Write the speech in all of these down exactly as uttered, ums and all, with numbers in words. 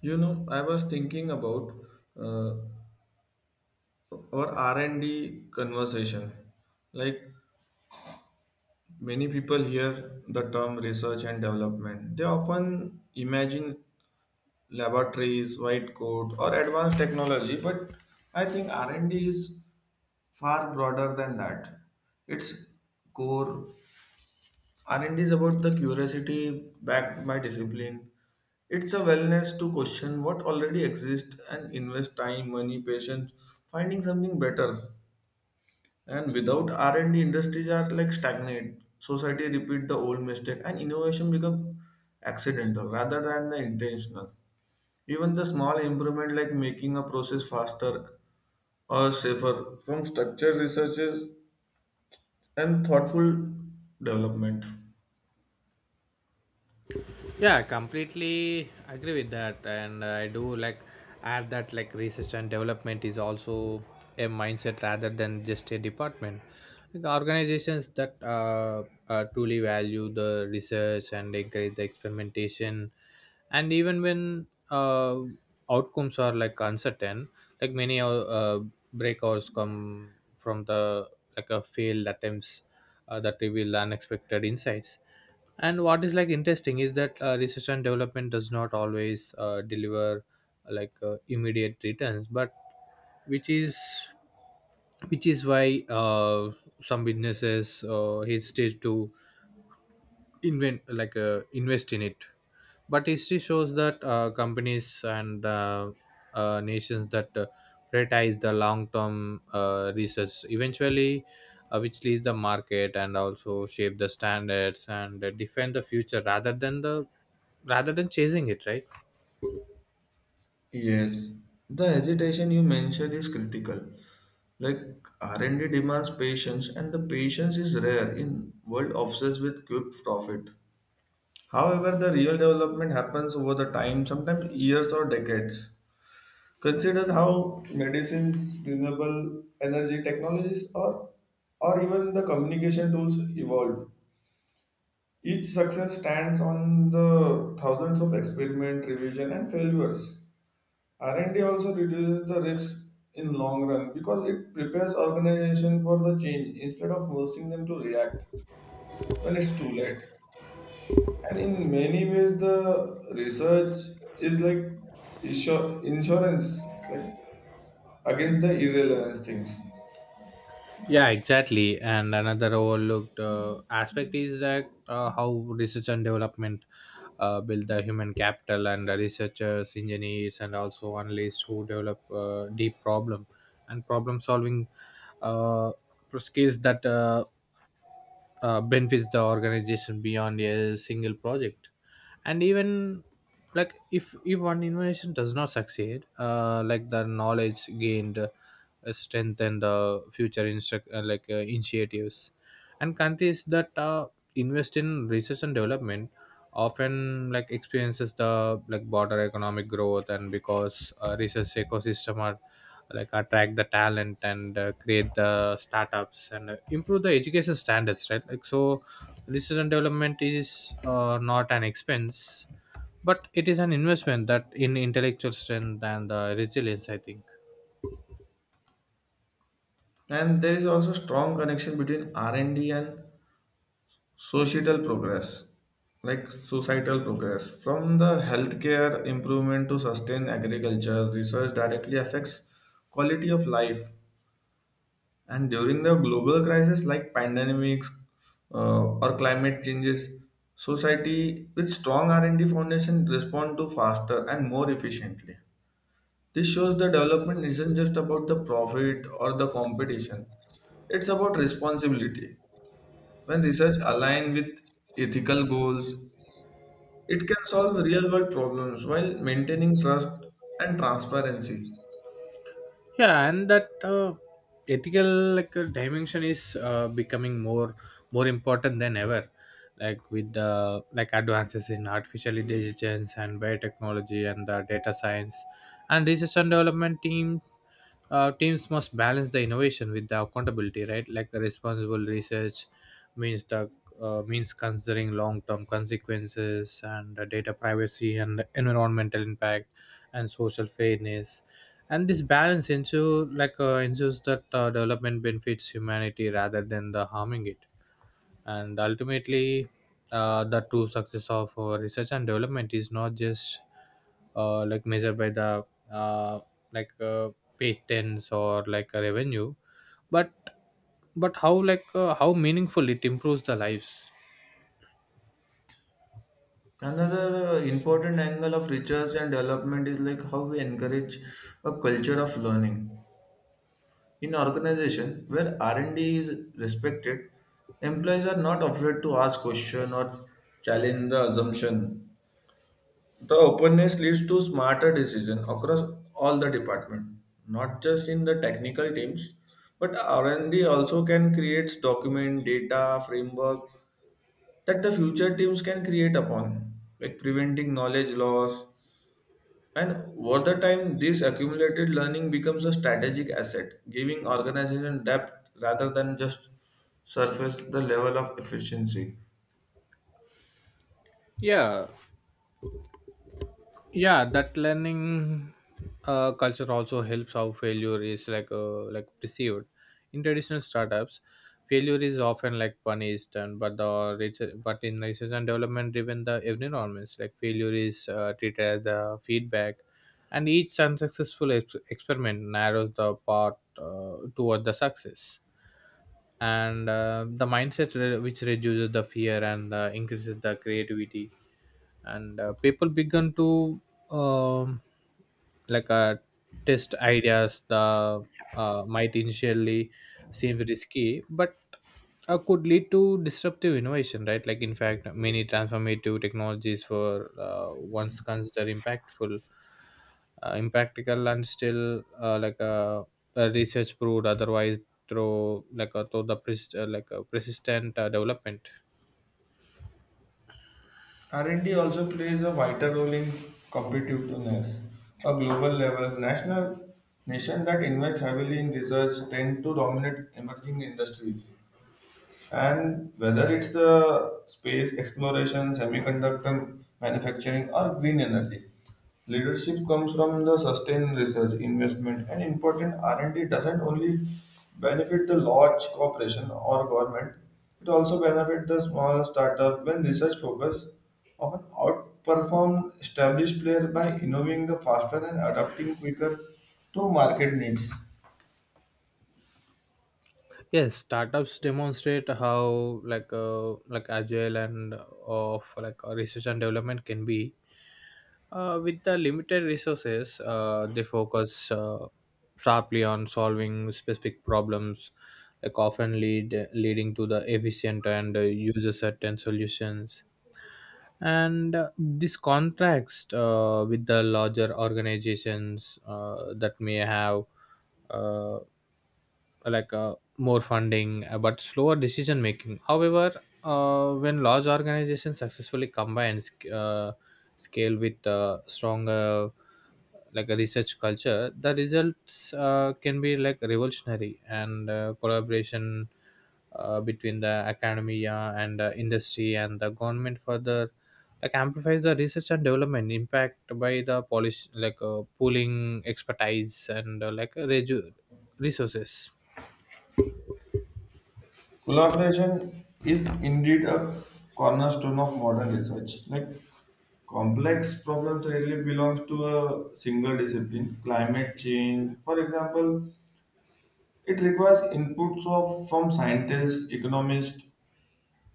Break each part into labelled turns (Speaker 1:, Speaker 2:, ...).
Speaker 1: You know, I was thinking about uh, our R and D conversation. Like many people hear the term research and development, they often imagine laboratories, white coat, or advanced technology. But I think R and D is far broader than that. Its core R and D is about the curiosity backed by discipline. It's a wellness to question what already exists and invest time, money, patience, finding something better. And without R and D, industries are like stagnate. Society repeat the old mistake, and innovation become accidental rather than the intentional. Even the small improvement like making a process faster or safer from structure researches and thoughtful development.
Speaker 2: Yeah, completely agree with that. And I do like add that like research and development is also a mindset rather than just a department. Like organizations that uh, uh, truly value the research and encourage the experimentation, and even when uh, outcomes are like uncertain, like many uh, breakouts come from the like a failed attempts uh, that reveal unexpected insights. And what is like interesting is that uh, research and development does not always uh, deliver like uh, immediate returns, but which is which is why uh, some businesses uh, hesitate to invent, like uh, invest in it. But history shows that uh, companies and uh, uh, nations that uh, prioritize the long-term uh, research eventually uh, which leads the market and also shape the standards and uh, defend the future rather than the rather than chasing it, right?
Speaker 1: Yes, the hesitation you mentioned is critical. Like R and D demands patience, and the patience is rare in world obsessed with quick profit. However, the real development happens over the time, sometimes years or decades. Consider how medicines, renewable energy technologies, or or even the communication tools evolved. Each success stands on the thousands of experiment, revision, and failures. R and D also reduces the risk in long run because it prepares organization for the change instead of forcing them to react when it's too late. And in many ways, the research is like insur- insurance, like against the irrelevance things.
Speaker 2: Yeah, exactly. And another overlooked uh, aspect is that uh, how research and development uh, build the human capital and the researchers, engineers, and also analysts who develop uh, deep problem and problem solving uh, skills that uh, uh, benefits the organization beyond a single project. And even like if if one innovation does not succeed, uh, like the knowledge gained uh, strengthen the future instruct uh, like uh, initiatives, and countries that uh, invest in research and development often like experiences the like broader economic growth, and because uh, research ecosystem are like attract the talent and uh, create the startups and uh, improve the education standards, right? Like so research and development is uh, not an expense, but it is an investment that in intellectual strength and uh, resilience, I think.
Speaker 1: And there is also strong connection between R and D and D and societal progress like societal progress from the healthcare improvement to sustain agriculture research directly affects quality of life, and during the global crisis like pandemics, uh, or climate changes, society with strong R and D foundation respond to faster and more efficiently. This shows the development isn't just about the profit or the competition, it's about responsibility. When research align with ethical goals, it can solve real world problems while maintaining trust and transparency.
Speaker 2: Yeah, and that uh, ethical like uh, dimension is uh, becoming more more important than ever, like with the like advances in artificial intelligence and biotechnology and the data science, and research and development teams uh, teams must balance the innovation with the accountability, right? Like the responsible research means the uh, means considering long-term consequences and uh, data privacy and environmental impact and social fairness. And this balance ensure like uh, ensures that uh, development benefits humanity rather than the harming it. And ultimately uh, the true success of uh, research and development is not just uh, like measured by the uh, like uh, patents or like a revenue, but but how like uh, how meaningful it improves the lives.
Speaker 1: Another uh, important angle of research and development is like how we encourage a culture of learning. In organization where R and D is respected, employees are not afraid to ask question or challenge the assumption. The openness leads to smarter decision across all the department, not just in the technical teams, but R and D also can create document, data, framework that the future teams can create upon, like preventing knowledge loss. And over the time, this accumulated learning becomes a strategic asset, giving organization depth rather than just surface the level of efficiency.
Speaker 2: Yeah. Yeah, that learning uh, culture also helps how failure is like uh, like perceived. In traditional startups failure is often like punished, and but the research- but in research and development driven the environments like failure is uh, treated as the feedback, and each unsuccessful ex- experiment narrows the path uh, toward the success. And uh, the mindset re- which reduces the fear and uh, increases the creativity, and uh, people began to um, like uh, test ideas the uh, might initially seem risky, but uh, could lead to disruptive innovation, right? Like in fact many transformative technologies were uh, once considered impactful uh, impractical, and still uh, like uh, uh, research proved otherwise through like uh, through the pres- uh, like uh, persistent uh, development.
Speaker 1: R and D also plays a vital role in competitiveness. A global level, national nation that invest heavily in research tend to dominate emerging industries. And whether it's the space exploration, semiconductor manufacturing, or green energy, leadership comes from the sustained research, investment, and important R and D doesn't only benefit the large corporation or government; it also benefits the small startup when research focus often outperform established player by innovating the faster and adapting quicker to market needs.
Speaker 2: Yes, startups demonstrate how like uh, like agile and uh, of like uh, research and development can be. Uh, with the limited resources, uh, they focus uh, sharply on solving specific problems, like often lead leading to the efficient and uh, user-certain solutions. And uh, this contrast uh, with the larger organizations uh, that may have. Uh, like uh, more funding uh, but slower decision making. However uh, when large organizations successfully combine sc- uh, scale with uh, strong uh, like a research culture, the results uh, can be like revolutionary. And uh, collaboration uh, between the academia and uh, industry and the government further like amplifies the research and development impact by the polish like uh, pooling expertise and uh, like uh, reju- resources.
Speaker 1: Collaboration is indeed a cornerstone of modern research. Like complex problems rarely belongs to a single discipline. Climate change, for example, it requires inputs of from scientists, economists,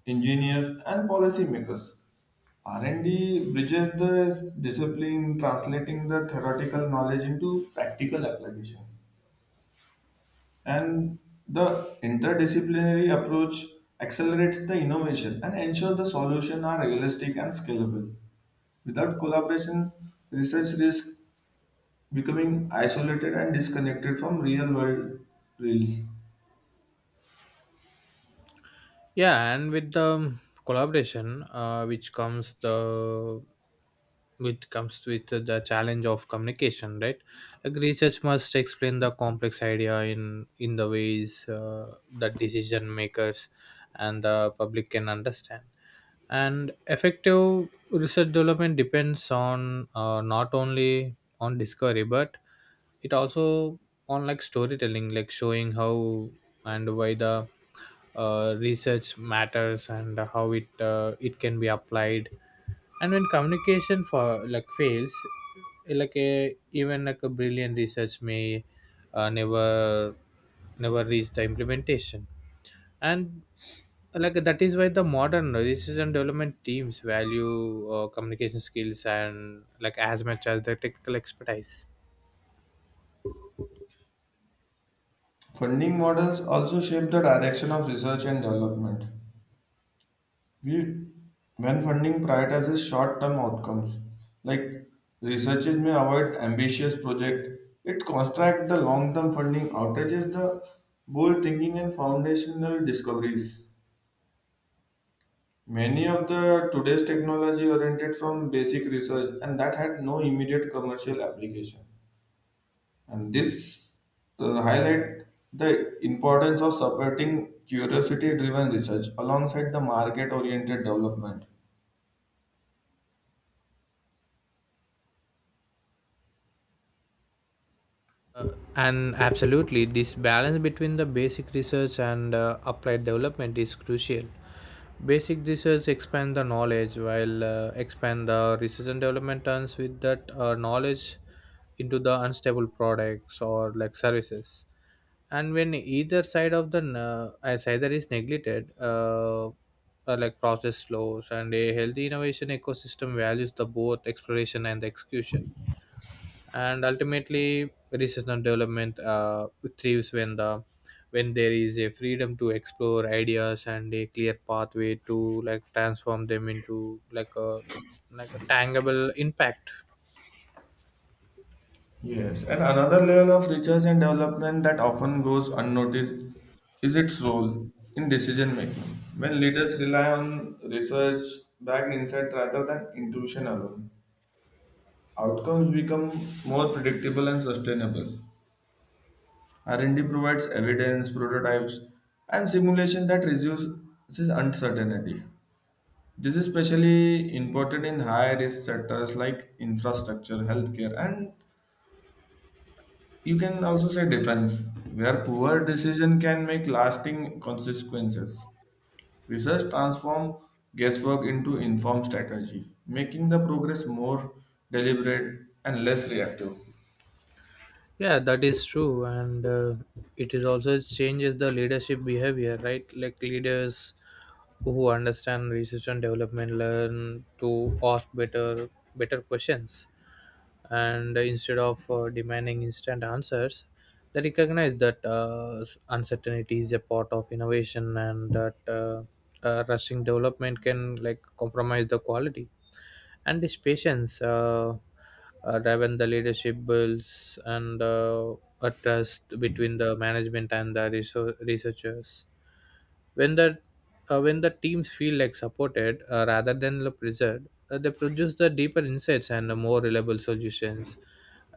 Speaker 1: engineers, and policymakers. R and D bridges the discipline, translating the theoretical knowledge into practical application. And the interdisciplinary approach accelerates the innovation and ensure the solutions are realistic and scalable. Without collaboration, research risks becoming isolated and disconnected from real world reels.
Speaker 2: Yeah, and with the um, collaboration uh, which comes the which comes with the challenge of communication, right? Like research must explain the complex idea in in the ways uh, that decision makers and the public can understand. And effective research development depends on uh, not only on discovery, but it also on like storytelling, like showing how and why the uh, research matters and how it uh, it can be applied. And when communication for like fails, eh, like a even like a brilliant research may uh, never never reach the implementation. And like that is why the modern research and development teams value uh, communication skills and like as much as the technical expertise.
Speaker 1: Funding models also shape the direction of research and development. We, when funding prioritizes short-term outcomes, like researchers may avoid ambitious projects, it constricts the long-term funding, outages the bold thinking and foundational discoveries. Many of the today's technology oriented from basic research and that had no immediate commercial application. And this uh, highlight the importance of supporting curiosity-driven research alongside the market-oriented development.
Speaker 2: Uh, and absolutely, this balance between the basic research and uh, applied development is crucial. Basic research expand the knowledge, while uh, expand the research and development turns with that uh, knowledge into the unstable products or like services. And when either side of the n- uh, as either is neglected, uh, uh, like process slows, and a healthy innovation ecosystem values the both exploration and the execution. And ultimately research and development uh, thrives when the when there is a freedom to explore ideas and a clear pathway to like transform them into like a like a tangible impact.
Speaker 1: Yes, and another level of research and development that often goes unnoticed is its role in decision making. When leaders rely on research backed insight rather than intuition alone, outcomes become more predictable and sustainable. R and D provides evidence, prototypes, and simulation that reduces uncertainty. This is especially important in high risk sectors like infrastructure, healthcare, and you can also say defense, where poor decision can make lasting consequences. Research transform guesswork into informed strategy, making the progress more deliberate and less reactive.
Speaker 2: Yeah, that is true. And uh, it is also changes the leadership behavior, right? Like leaders who understand research and development learn to ask better better questions, and instead of uh, demanding instant answers, they recognize that uh, uncertainty is a part of innovation and that uh, uh, rushing development can like compromise the quality. And this patience uh, uh, driven the leadership builds, and uh, a trust between the management and the reso- researchers. When the uh, when the teams feel like supported uh, rather than pressured, uh, they produce the deeper insights and the more reliable solutions.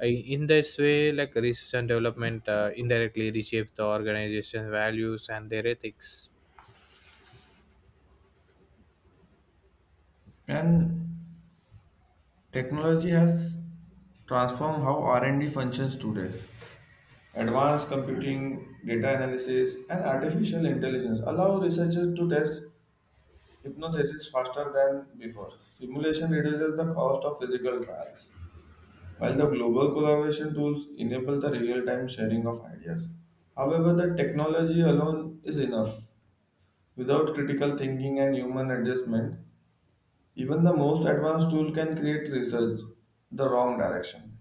Speaker 2: Uh, in this way like research and development uh, indirectly reshapes the organization's values and their ethics.
Speaker 1: And technology has transformed how R and D functions today. Advanced computing, data analysis, and artificial intelligence allow researchers to test hypotheses faster than before. Simulation reduces the cost of physical trials while the global collaboration tools enable the real time sharing of ideas. However, the technology alone is enough. Without critical thinking and human adjustment, even the most advanced tool can create research the wrong direction.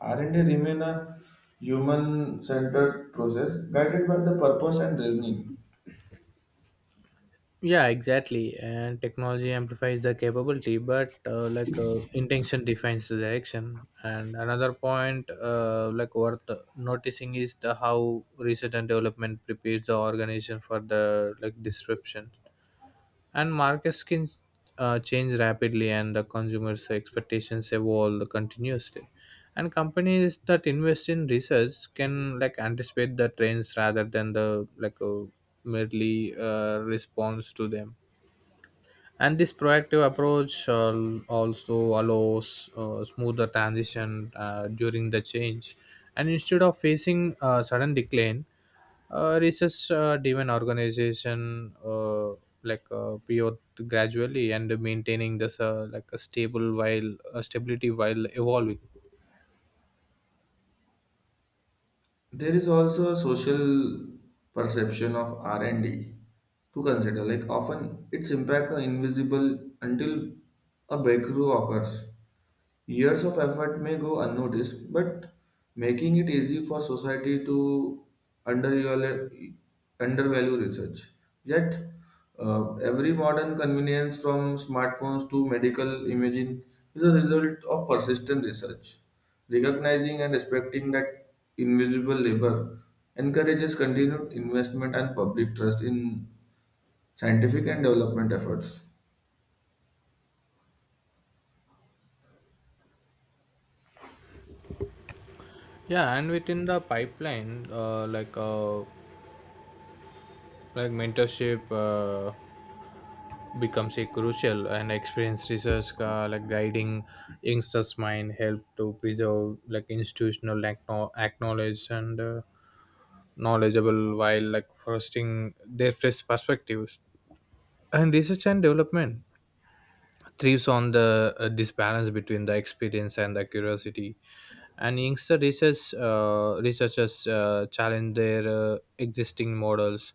Speaker 1: R and D remain a human centered process guided by the purpose and reasoning.
Speaker 2: Yeah, exactly. And technology amplifies the capability, but uh, like uh, intention defines the direction. And another point uh, like worth noticing is the how research and development prepares the organization for the like disruption, and markets can uh, change rapidly and the consumers expectations evolve continuously. And companies that invest in research can like anticipate the trends rather than the like uh, merely uh, response to them. And this proactive approach uh, also allows uh, smoother transition uh, during the change. And instead of facing a sudden decline, uh, research uh, driven organization uh, like uh, pivot gradually and maintaining this uh, like a stable while uh, stability while evolving.
Speaker 1: There is also a social perception of R and D to consider, like often its impact are invisible until a breakthrough occurs. Years of effort may go unnoticed, but making it easy for society to undervalu- undervalue research. Yet, uh, every modern convenience from smartphones to medical imaging is a result of persistent research. Recognizing and respecting that invisible labor encourages continued investment and public trust in scientific and development efforts.
Speaker 2: Yeah, and within the pipeline uh, like uh, like mentorship uh, becomes a crucial, and experienced research uh, like guiding youngsters mind help to preserve like institutional acknow- acknowledge and uh, knowledgeable while like fostering their fresh perspectives. And research and development thrives on the uh, this balance between the experience and the curiosity. And youngster research, uh, researchers uh, challenge their uh, existing models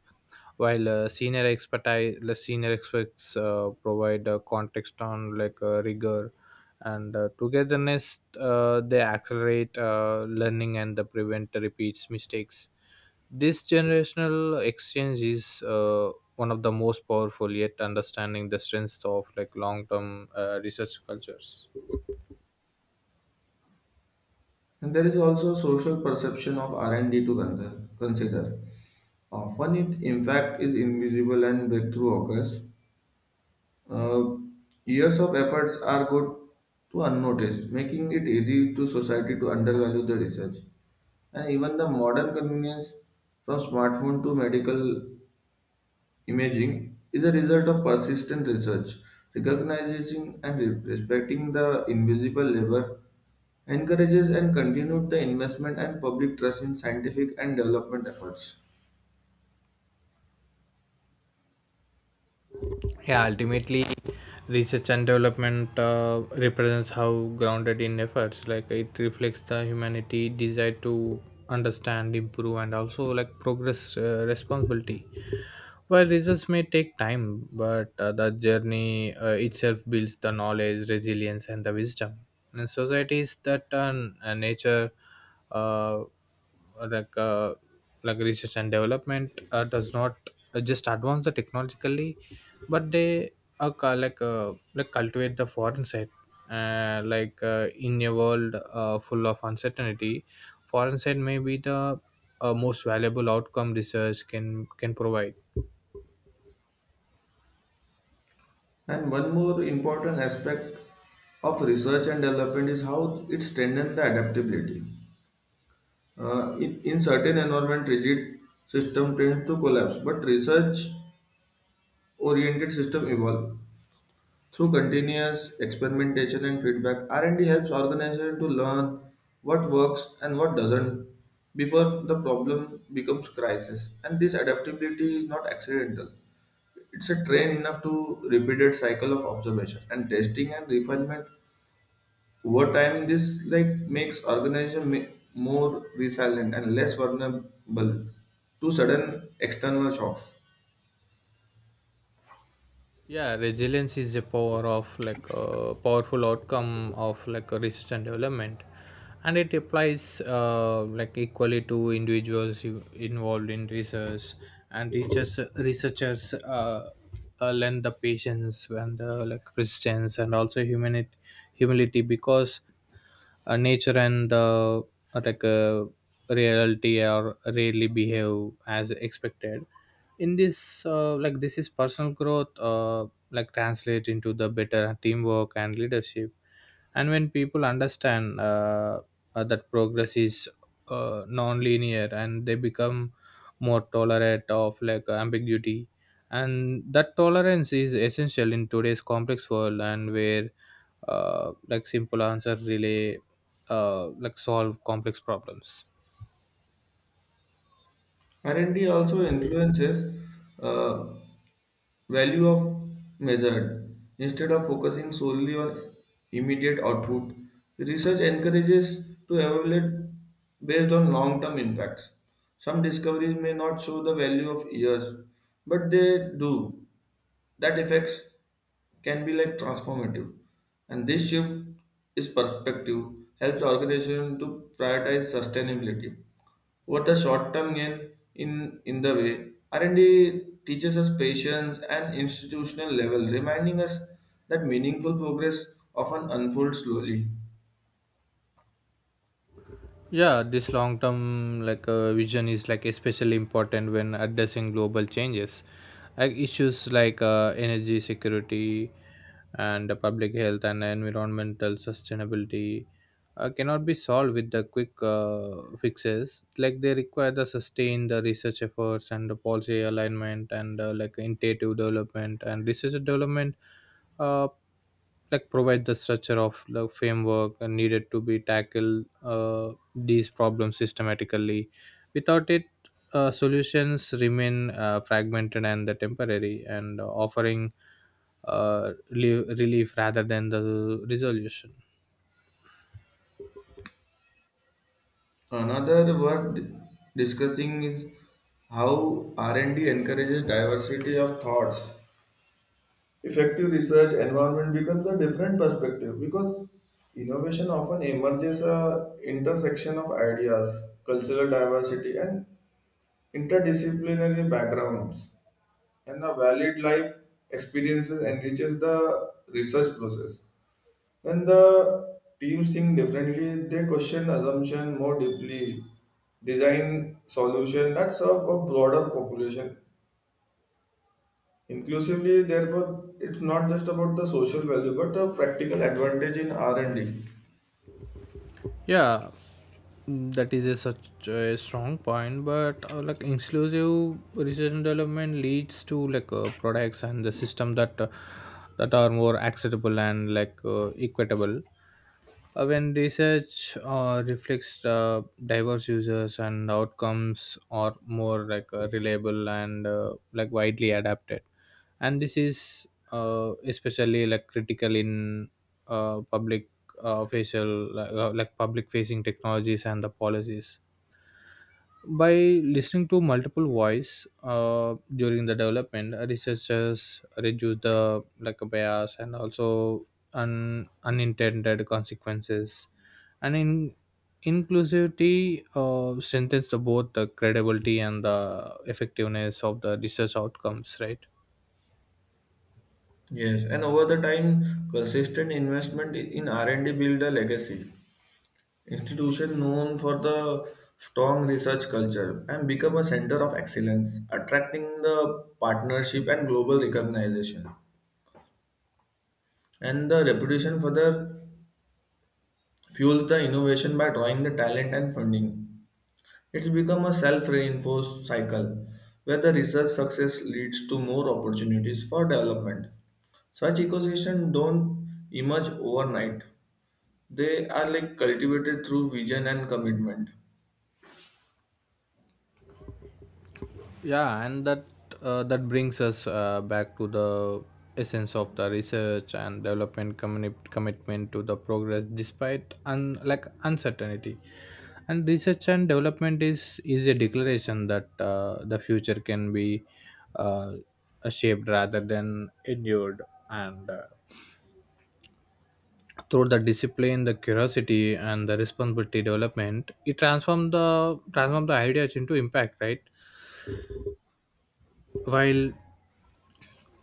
Speaker 2: while uh, senior expertise the senior experts uh, provide uh, context on like uh, rigor. And uh, togetherness uh, they accelerate uh, learning and they prevent repeats mistakes. This generational exchange is uh, one of the most powerful yet understanding the strengths of like long-term uh, research cultures.
Speaker 1: And there is also social perception of R and D to consider. consider. Often it, in fact, is invisible and breakthrough occurs. Uh, Years of efforts are good to unnoticed, making it easy to society to undervalue the research. And even the modern convenience from smartphone to medical imaging is a result of persistent research. Recognizing and re- respecting the invisible labor encourages and continued the investment and public trust in scientific and development efforts.
Speaker 2: Yeah, ultimately, research and development uh, represents how grounded in efforts. Like it reflects the humanity desire to understand, improve, and also like progress uh, responsibility. While results may take time, but uh, the journey uh, itself builds the knowledge, resilience, and the wisdom. And societies that uh, nature, uh, like uh, like research and development uh, does not uh, just advance the technologically, but they uh, cu- like uh, like cultivate the foreign side uh, like uh, in a world uh, full of uncertainty, foreign side may be the uh, most valuable outcome research can can provide.
Speaker 1: And one more important aspect of research and development is how it strengthens the adaptability. Uh, in, in certain environment, rigid system tends to collapse, but research-oriented system evolve. Through continuous experimentation and feedback, R and D helps organization to learn what works and what doesn't before the problem becomes crisis. And this adaptability is not accidental. It's a train enough to repeated cycle of observation and testing and refinement. Over time, this like makes organization ma- more resilient and less vulnerable to sudden external shocks.
Speaker 2: Yeah, resilience is a power of like a powerful outcome of like a research and development, and it applies uh, like equally to individuals who- involved in research. And researchers researchers uh, uh, learn the patience and the like resistance and also humanity humility, because uh, nature and the uh, like uh, reality are rarely behave as expected. In this uh, like this is personal growth uh, like translate into the better teamwork and leadership. And when people understand uh, uh, that progress is uh, non-linear, and they become more tolerant of like ambiguity, and that tolerance is essential in today's complex world, and where uh, like simple answer really uh, like solve complex problems.
Speaker 1: Identity also influences uh, value of measured. Instead of focusing solely on immediate output, research encourages to evaluate based on long-term impacts. Some discoveries may not show the value of years, but they do. That effects can be like transformative, and this shift is perspective helps organization to prioritize sustainability over the short term gain. In in the way R and D teaches us patience and institutional level, reminding us that meaningful progress often unfolds slowly.
Speaker 2: Yeah, this long term like uh, vision is like especially important when addressing global changes, like issues like uh, energy security and the public health and environmental sustainability uh, cannot be solved with the quick uh, fixes. Like they require the sustained uh, research efforts and the policy alignment and uh, like intuitive development and research and development Uh, like provide the structure of the framework and needed to be tackle uh, these problems systematically. Without it, uh, solutions remain uh, fragmented and the temporary and offering uh, relief, relief rather than the resolution.
Speaker 1: Another worth discussing is how R and D encourages diversity of thoughts. Effective research environment becomes a different perspective because innovation often emerges a intersection of ideas, cultural diversity, and interdisciplinary backgrounds, and a valid life experiences enriches the research process. When the teams think differently, they question assumption more deeply, design solution that serve a broader population. Inclusively, therefore, it's not just about the social value, but the practical advantage in R and D.
Speaker 2: Yeah, mm, that is a such a strong point, but uh, like inclusive research and development leads to like uh, products and the system that uh, that are more acceptable and like uh, equitable. Uh, when research uh, reflects the diverse users and outcomes are more like uh, reliable and uh, like widely adapted, and this is uh, especially like critical in uh, public uh, facial like, uh, like public facing technologies and the policies. By listening to multiple voice uh, during the development, uh, researchers reduce the like bias and also un- unintended consequences, and in inclusivity uh, strengthens the, both the credibility and the effectiveness of the research outcomes, right?
Speaker 1: Yes, and over the time, consistent investment in R and D build a legacy. Institution known for the strong research culture and become a center of excellence, attracting the partnership and global recognition. And the reputation further fuels the innovation by drawing the talent and funding. It's become a self reinforced cycle where the research success leads to more opportunities for development. Such ecosystems don't emerge overnight, they are like cultivated through vision and commitment.
Speaker 2: Yeah, and that uh, that brings us uh, back to the essence of the research and development communi- commitment to the progress despite un- like uncertainty, and research and development is is a declaration that uh, the future can be uh, shaped rather than endured. And uh, Through the discipline the curiosity and the responsibility development, it transform the transform the ideas into impact, right? while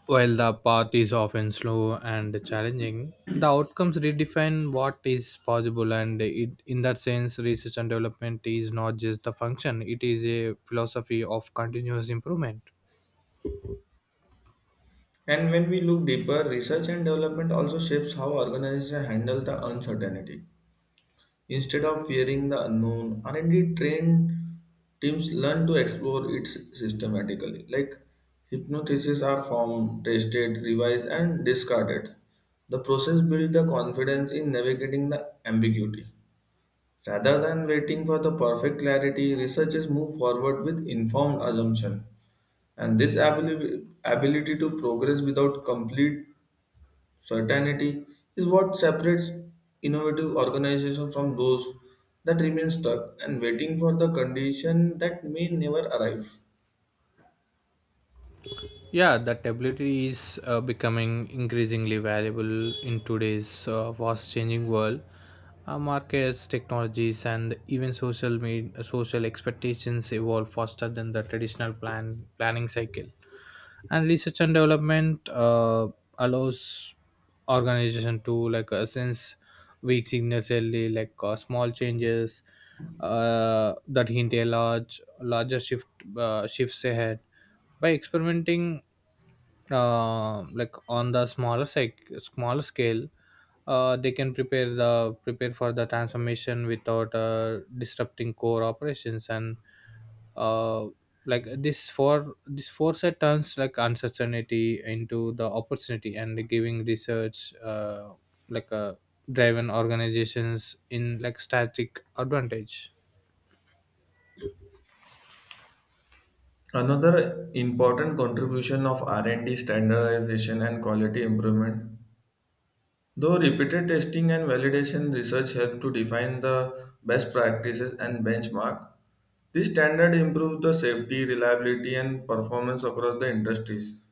Speaker 2: While the path is often slow and challenging, the outcomes redefine what is possible, and it, in that sense, research and development is not just a function, it is a philosophy of continuous improvement.
Speaker 1: And when we look deeper, research and development also shapes how organizations handle the uncertainty. Instead of fearing the unknown, R and D trained teams learn to explore it systematically. Like hypotheses are formed, tested, revised, and discarded. The process builds the confidence in navigating the ambiguity. Rather than waiting for the perfect clarity, researchers move forward with informed assumption. And this abili- ability to progress without complete certainty is what separates innovative organizations from those that remain stuck and waiting for the condition that may never arrive.
Speaker 2: Yeah, that ability is uh, becoming increasingly valuable in today's uh, fast changing world. Uh, markets, technologies, and even social, med- social expectations evolve faster than the traditional plan- planning cycle, and research and development uh, allows organization to like uh, sense weak signals early, like uh, small changes uh, that hint a large larger shift uh, shifts ahead by experimenting uh, like on the smaller sec- smaller scale. Uh, they can prepare the prepare for the transformation without uh, disrupting core operations, and uh, like this for this foresight turns like uncertainty into the opportunity and giving research uh, like uh, driven organizations in like static advantage.
Speaker 1: Another important contribution of R and D standardization and quality improvement, though repeated testing and validation research help to define the best practices and benchmark, this standard improves the safety, reliability, and performance across the industries.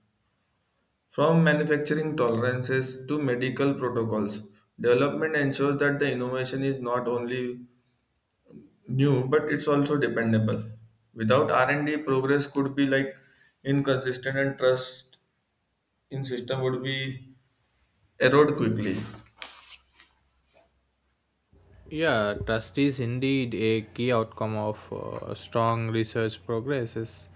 Speaker 1: From manufacturing tolerances to medical protocols, development ensures that the innovation is not only new but it's also dependable. Without R and D, progress could be like inconsistent and trust in system would be erode quickly.
Speaker 2: Yeah, trust is indeed a key outcome of uh, strong research progresses.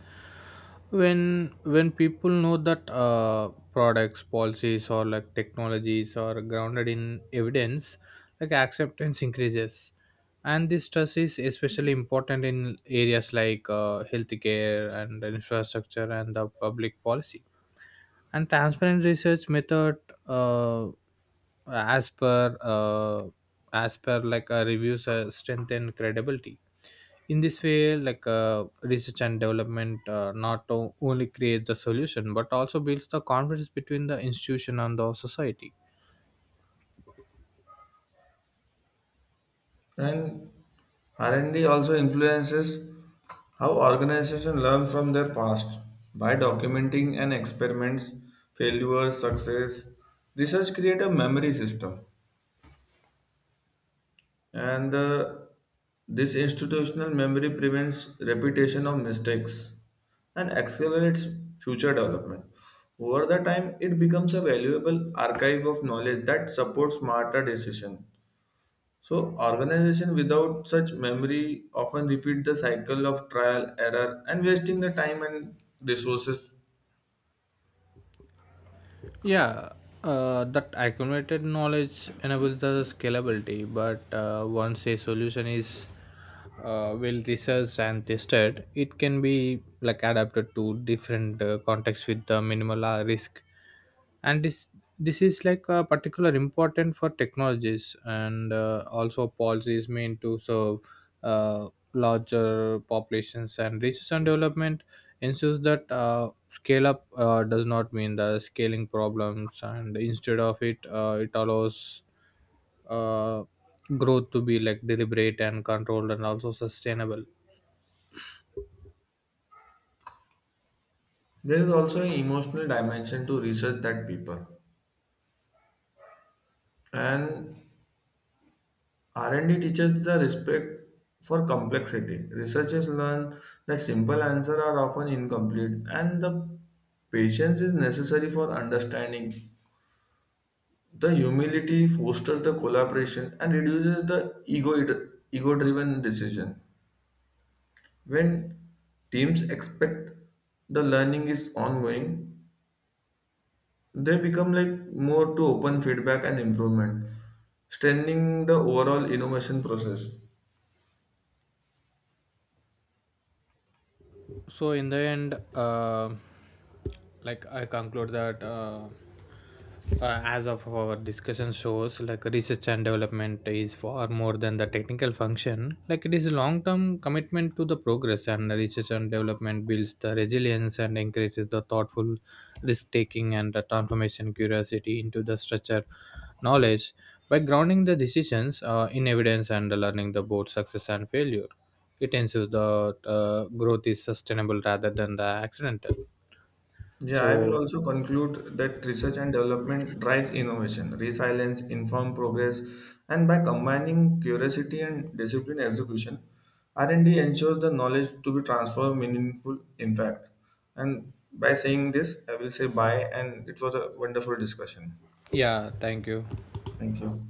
Speaker 2: When when people know that uh, products policies or like technologies are grounded in evidence, like acceptance increases, and this trust is especially important in areas like uh, healthcare and infrastructure and the public policy. And transparent research method, uh, as per uh, as per like a reviews uh, strengthen credibility. In this way, like uh, research and development uh, not o- only create the solution but also builds the confidence between the institution and the society.
Speaker 1: And R and D also influences how organizations learn from their past by documenting and experiments, failures, success. Research create a memory system. And uh, this institutional memory prevents repetition of mistakes and accelerates future development. Over the time, it becomes a valuable archive of knowledge that supports smarter decisions. So, organization without such memory often repeat the cycle of trial, error, and wasting the time and resources.
Speaker 2: Yeah, uh, that accumulated knowledge enables the scalability, but uh, once a solution is uh, well researched and tested, it can be like adapted to different uh, contexts with the minimal uh, risk. And this this is like a particular important for technologies and uh, also policies meant to serve uh, larger populations, and research and development ensures that uh, scale up uh, does not mean the scaling problems, and instead of it, uh, it allows uh, growth to be like deliberate and controlled and also sustainable.
Speaker 1: There is also an emotional dimension to research that people. And R and D teaches the respect for complexity. Researchers learn that simple answers are often incomplete and the patience is necessary for understanding. The humility fosters the collaboration and reduces the ego ego driven decision. When teams expect the learning is ongoing, they become like more to open feedback and improvement, strengthening the overall innovation process.
Speaker 2: So in the end, uh, like I conclude that uh, uh, as of our discussion shows, like research and development is far more than the technical function, like it is a long term commitment to the progress, and the research and development builds the resilience and encourages the thoughtful risk taking and the transformation curiosity into the structure knowledge. By grounding the decisions uh, in evidence and learning the both success and failure, it ensures that uh, growth is sustainable rather than the accidental.
Speaker 1: Yeah, I will
Speaker 2: So
Speaker 1: also conclude that research and development drives innovation, resilience, informed progress, and by combining curiosity and disciplined execution, R and D ensures the knowledge to be transformed meaningful impact. And by saying this, I will say bye, and it was a wonderful discussion.
Speaker 2: yeah, thank you.
Speaker 1: Thank you.